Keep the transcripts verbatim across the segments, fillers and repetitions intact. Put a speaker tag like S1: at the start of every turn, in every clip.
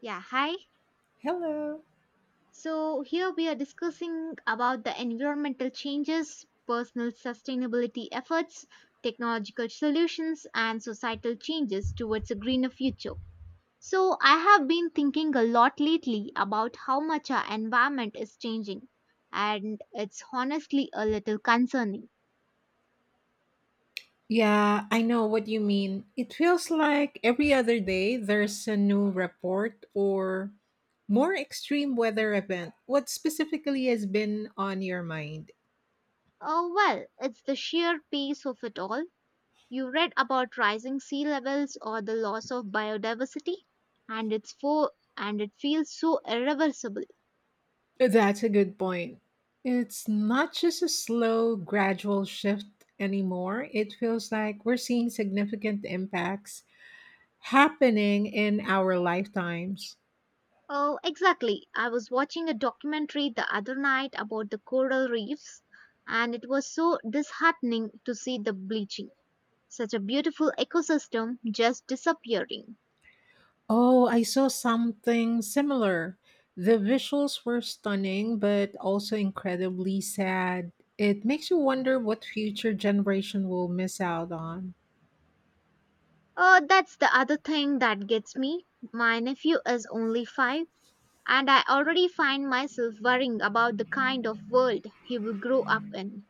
S1: Yeah, hi.
S2: Hello.
S1: So here we are discussing about the environmental changes, personal sustainability efforts, technological solutions, and societal changes towards a greener future. So I have been thinking a lot lately about how much our environment is changing, and it's honestly a little concerning.
S2: Yeah, I know what you mean. It feels like every other day there's a new report or more extreme weather event. What specifically has been on your mind?
S1: Oh well, it's the sheer pace of it all. You read about rising sea levels or the loss of biodiversity, and it's for and it feels so irreversible.
S2: That's a good point. It's not just a slow, gradual shift anymore. It feels like we're seeing significant impacts happening in our lifetimes.
S1: Oh, exactly. I was watching a documentary the other night about the coral reefs, and it was so disheartening to see the bleaching. Such a beautiful ecosystem just disappearing.
S2: Oh, I saw something similar. The visuals were stunning, but also incredibly sad. It makes you wonder what future generation will miss out on.
S1: Oh, that's the other thing that gets me. My nephew is only five, and I already find myself worrying about the kind of world he will grow up in.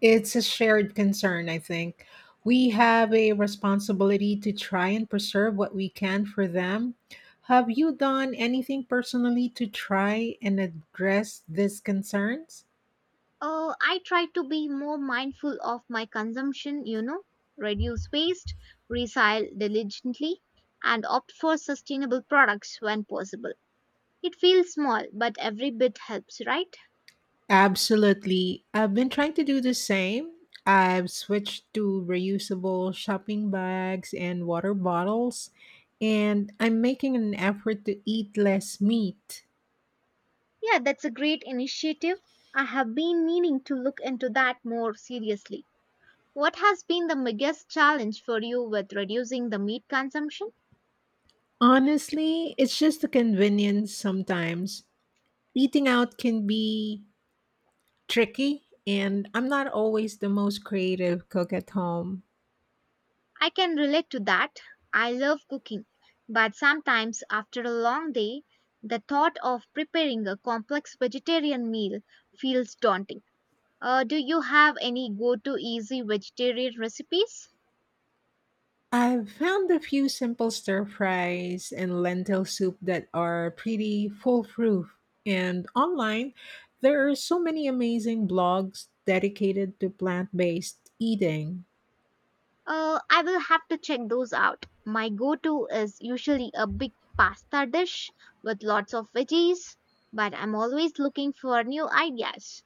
S2: It's a shared concern, I think. We have a responsibility to try and preserve what we can for them. Have you done anything personally to try and address these concerns?
S1: Uh, I try to be more mindful of my consumption, you know, reduce waste, recycle diligently, and opt for sustainable products when possible. It feels small, but every bit helps, right?
S2: Absolutely. I've been trying to do the same. I've switched to reusable shopping bags and water bottles, and I'm making an effort to eat less meat.
S1: Yeah, that's a great initiative. I have been meaning to look into that more seriously. What has been the biggest challenge for you with reducing the meat consumption?
S2: Honestly, it's just the convenience sometimes. Eating out can be tricky, and I'm not always the most creative cook at home.
S1: I can relate to that. I love cooking, but sometimes after a long day, the thought of preparing a complex vegetarian meal feels daunting. Uh, do you have any go to easy vegetarian recipes?
S2: I've found a few simple stir fries and lentil soup that are pretty foolproof. And online, there are so many amazing blogs dedicated to plant based eating.
S1: Uh, I will have to check those out. My go to is usually a big pasta dish with lots of veggies, but I'm always looking for new ideas.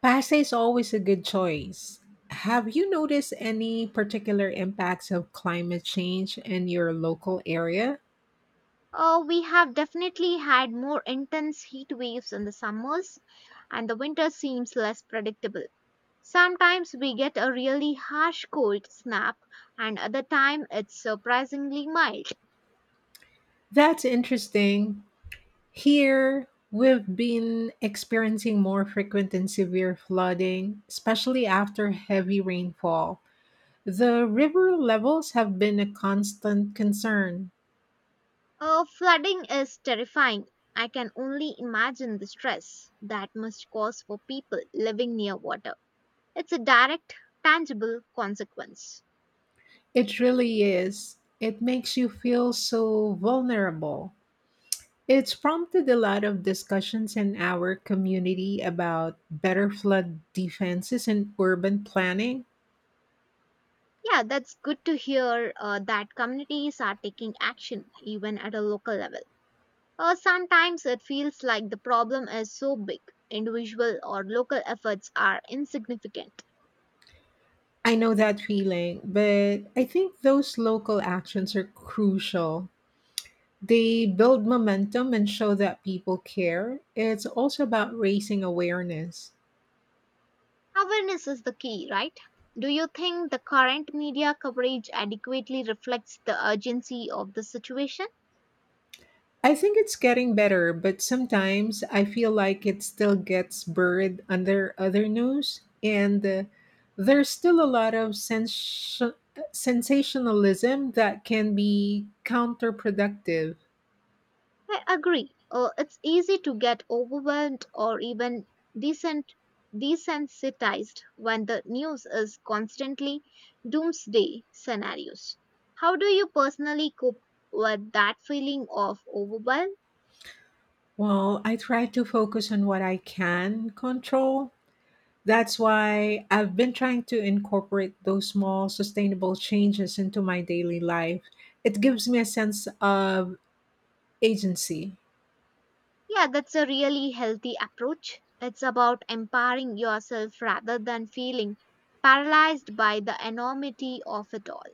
S2: Pasta is always a good choice. Have you noticed any particular impacts of climate change in your local area?
S1: Uh, we have definitely had more intense heat waves in the summers, and the winter seems less predictable. Sometimes we get a really harsh cold snap, and other time it's surprisingly mild.
S2: That's interesting. Here, we've been experiencing more frequent and severe flooding, especially after heavy rainfall. The river levels have been a constant concern.
S1: Uh, flooding is terrifying. I can only imagine the stress that must cause for people living near water. It's a direct, tangible consequence.
S2: It really is. It makes you feel so vulnerable. It's prompted a lot of discussions in our community about better flood defenses and urban planning.
S1: Yeah, that's good to hear, uh, that communities are taking action even at a local level. Or sometimes it feels like the problem is so big, individual or local efforts are insignificant.
S2: I know that feeling, but I think those local actions are crucial. They build momentum and show that people care. It's also about raising awareness.
S1: Awareness is the key, right? Do you think the current media coverage adequately reflects the urgency of the situation?
S2: I think it's getting better, but sometimes I feel like it still gets buried under other news, and uh, there's still a lot of sens- sensationalism that can be counterproductive.
S1: I agree. Uh, it's easy to get overwhelmed or even decent, desensitized when the news is constantly doomsday scenarios. How do you personally cope with that feeling of overwhelm?
S2: Well, I try to focus on what I can control. That's why I've been trying to incorporate those small, sustainable changes into my daily life. It gives me a sense of agency.
S1: Yeah, that's a really healthy approach. It's about empowering yourself rather than feeling paralyzed by the enormity of it all.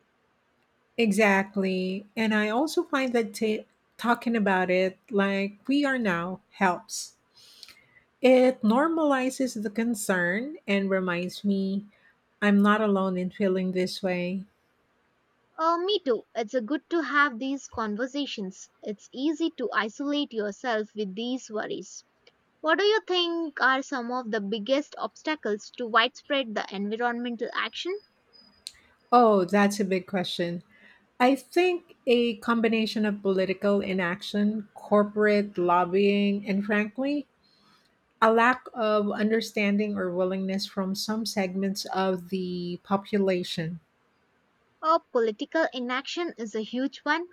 S2: Exactly. And I also find that ta talking about it like we are now helps. It normalizes the concern and reminds me I'm not alone in feeling this way.
S1: Uh, me too. It's a good to have these conversations. It's easy to isolate yourself with these worries. What do you think are some of the biggest obstacles to widespread the environmental action?
S2: Oh, that's a big question. I think a combination of political inaction, corporate lobbying, and frankly, a lack of understanding or willingness from some segments of the population.
S1: Our political inaction is a huge one.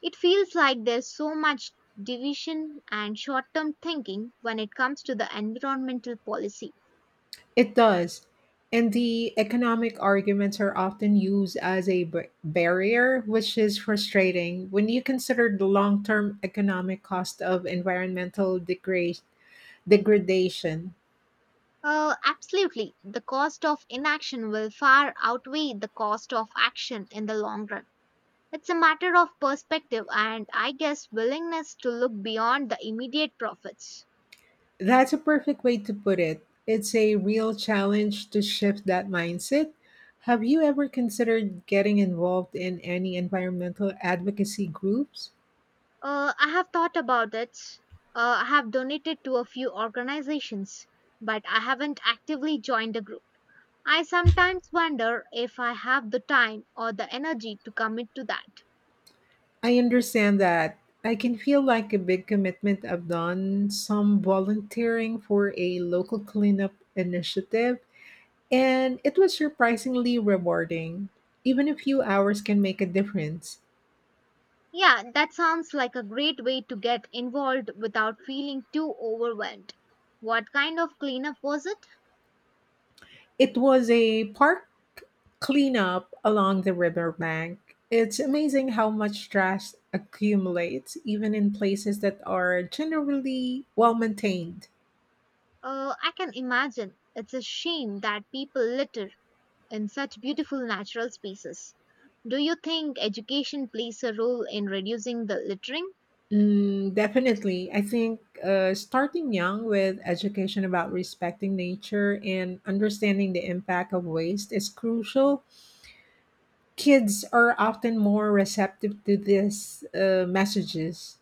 S1: It feels like there's so much division and short term thinking when it comes to the environmental policy.
S2: It does. And the economic arguments are often used as a b- barrier, which is frustrating when you consider the long term economic cost of environmental degra- degradation.
S1: Uh, absolutely, the cost of inaction will far outweigh the cost of action in the long run. It's a matter of perspective and, I guess, willingness to look beyond the immediate profits.
S2: That's a perfect way to put it. It's a real challenge to shift that mindset. Have you ever considered getting involved in any environmental advocacy groups?
S1: Uh, I have thought about it. Uh, I have donated to a few organizations, but I haven't actively joined a group. I sometimes wonder if I have the time or the energy to commit to that.
S2: I understand that I can feel like a big commitment. I've done some volunteering for a local cleanup initiative, and it was surprisingly rewarding. Even a few hours can make a difference.
S1: Yeah, that sounds like a great way to get involved without feeling too overwhelmed. What kind of cleanup was it?
S2: It was a park cleanup along the riverbank. It's amazing how much trash accumulates, even in places that are generally well maintained.
S1: Uh, I can imagine. It's a shame that people litter in such beautiful natural spaces. Do you think education plays a role in reducing the littering?
S2: Mm, definitely. I think uh, starting young with education about respecting nature and understanding the impact of waste is crucial. Kids are often more receptive to these uh, messages.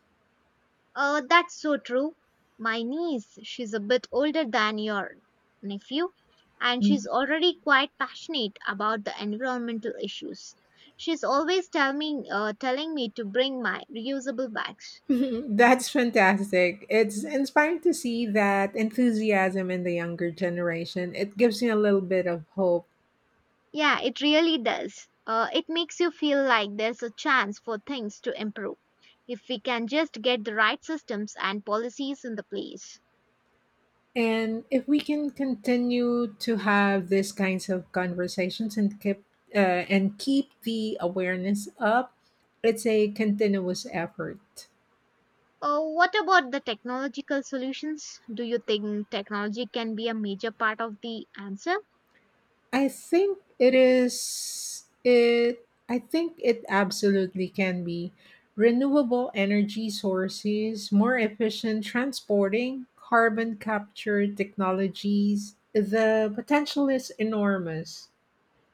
S1: Uh, that's so true. My niece, she's a bit older than your nephew, and she's already quite passionate about the environmental issues. She's always tell me, uh, telling me to bring my reusable bags.
S2: That's fantastic. It's inspiring to see that enthusiasm in the younger generation. It gives me a little bit of hope.
S1: Yeah, it really does. Uh, it makes you feel like there's a chance for things to improve if we can just get the right systems and policies in the place.
S2: And if we can continue to have these kinds of conversations and keep uh, and keep the awareness up, it's a continuous effort.
S1: Uh, what about the technological solutions? Do you think technology can be a major part of the answer?
S2: I think it is it I think it absolutely can be renewable energy sources, more efficient transporting, carbon capture technologies. The potential is enormous.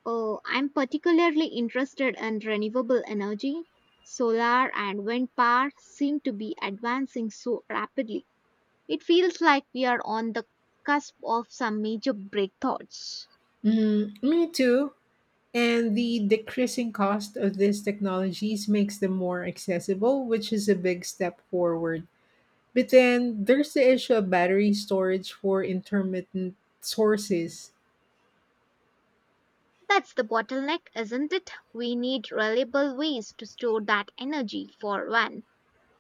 S1: Oh, I'm particularly interested in renewable energy. Solar and wind power seem to be advancing so rapidly. It feels like we are on the cusp of some major breakthroughs.
S2: Mm, me too. And the decreasing cost of these technologies makes them more accessible, which is a big step forward. But then there's the issue of battery storage for intermittent sources.
S1: That's the bottleneck, isn't it? We need reliable ways to store that energy for when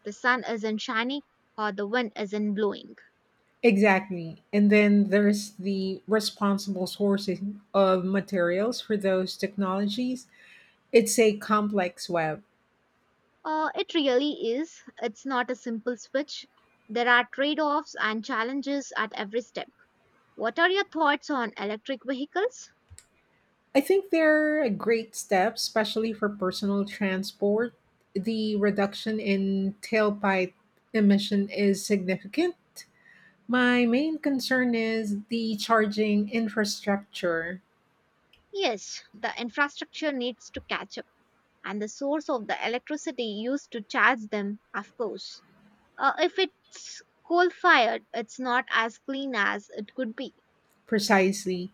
S1: the sun isn't shining or the wind isn't blowing.
S2: Exactly. And then there's the responsible sourcing of materials for those technologies. It's a complex web.
S1: Uh, it really is. It's not a simple switch. There are trade offs and challenges at every step. What are your thoughts on electric vehicles?
S2: I think they're a great step, especially for personal transport. The reduction in tailpipe emission is significant. My main concern is the charging infrastructure.
S1: Yes, the infrastructure needs to catch up, and the source of the electricity used to charge them, of course. Uh, if it's coal fired, it's not as clean as it could be.
S2: Precisely.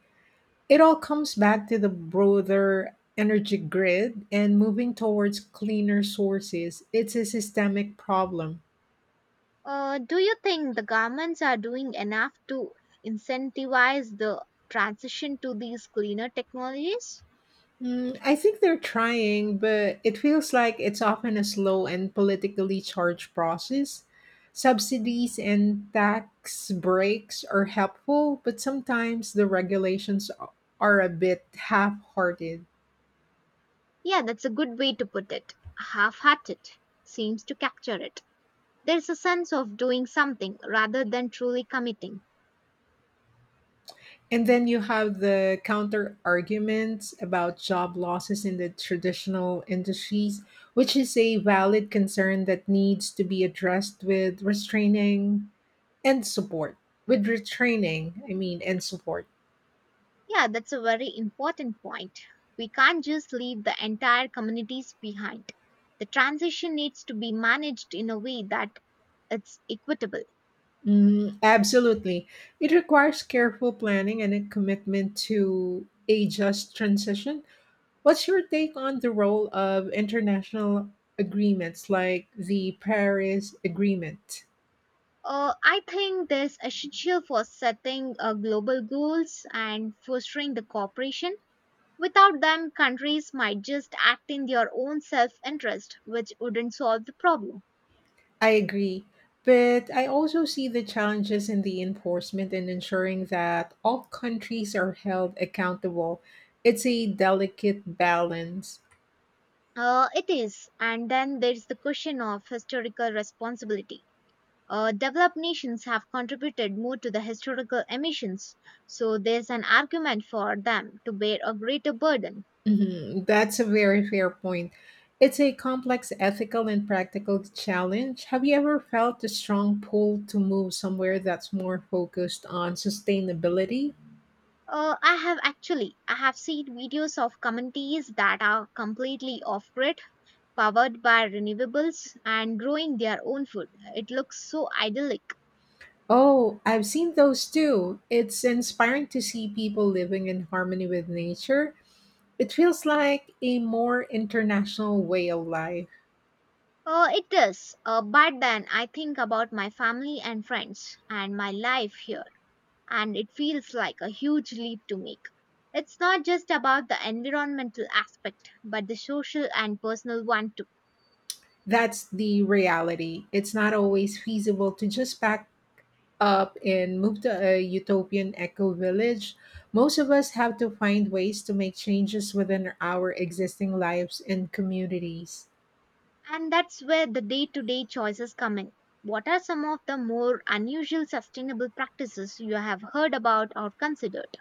S2: It all comes back to the broader energy grid and moving towards cleaner sources. It's a systemic problem.
S1: Uh, do you think the governments are doing enough to incentivize the transition to these cleaner technologies?
S2: Mm, I think they're trying, but it feels like it's often a slow and politically charged process. Subsidies and tax breaks are helpful, but sometimes the regulations are a bit half hearted.
S1: Yeah, that's a good way to put it. Half hearted seems to capture it. There's a sense of doing something rather than truly committing.
S2: And then you have the counter argument about job losses in the traditional industries, which is a valid concern that needs to be addressed with restraining and support. With retraining, I mean, and support.
S1: Yeah, that's a very important point. We can't just leave the entire communities behind. The transition needs to be managed in a way that it's equitable.
S2: Mm, absolutely. It requires careful planning and a commitment to a just transition. What's your take on the role of international agreements like the Paris Agreement?
S1: Uh, I think this is essential for setting uh, global goals and fostering the cooperation. Without them, countries might just act in their own self interest, which wouldn't solve the problem.
S2: I agree. But I also see the challenges in the enforcement and ensuring that all countries are held accountable. It's a delicate balance.
S1: Uh, it is. And then there's the question of historical responsibility. Uh, developed nations have contributed more to the historical emissions, so there's an argument for them to bear a greater burden.
S2: Mhm, that's a very fair point. It's a complex ethical and practical challenge. Have you ever felt a strong pull to move somewhere that's more focused on sustainability?
S1: Uh, I have actually I have seen videos of communities that are completely off grid, powered by renewables, and growing their own food. It looks so idyllic.
S2: Oh, I've seen those too. It's inspiring to see people living in harmony with nature. It feels like a more international way of life.
S1: Uh, it is, uh, but then I think about my family and friends and my life here, and it feels like a huge leap to make. It's not just about the environmental aspect, but the social and personal one too.
S2: That's the reality. It's not always feasible to just pack up and move to a utopian eco village, most of us have to find ways to make changes within our existing lives and communities.
S1: And that's where the day to day choices come in. What are some of the more unusual sustainable practices you have heard about or considered?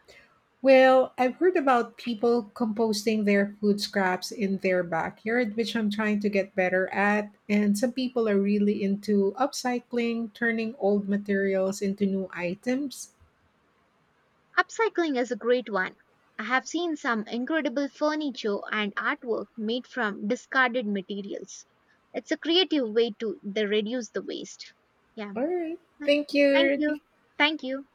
S2: Well, I've heard about people composting their food scraps in their backyard, which I'm trying to get better at. And some people are really into upcycling, turning old materials into new items.
S1: Upcycling is a great one. I have seen some incredible furniture and artwork made from discarded materials. It's a creative way to the reduce the waste. Yeah.
S2: All right. Thank
S1: Thank
S2: you.
S1: you. Thank you.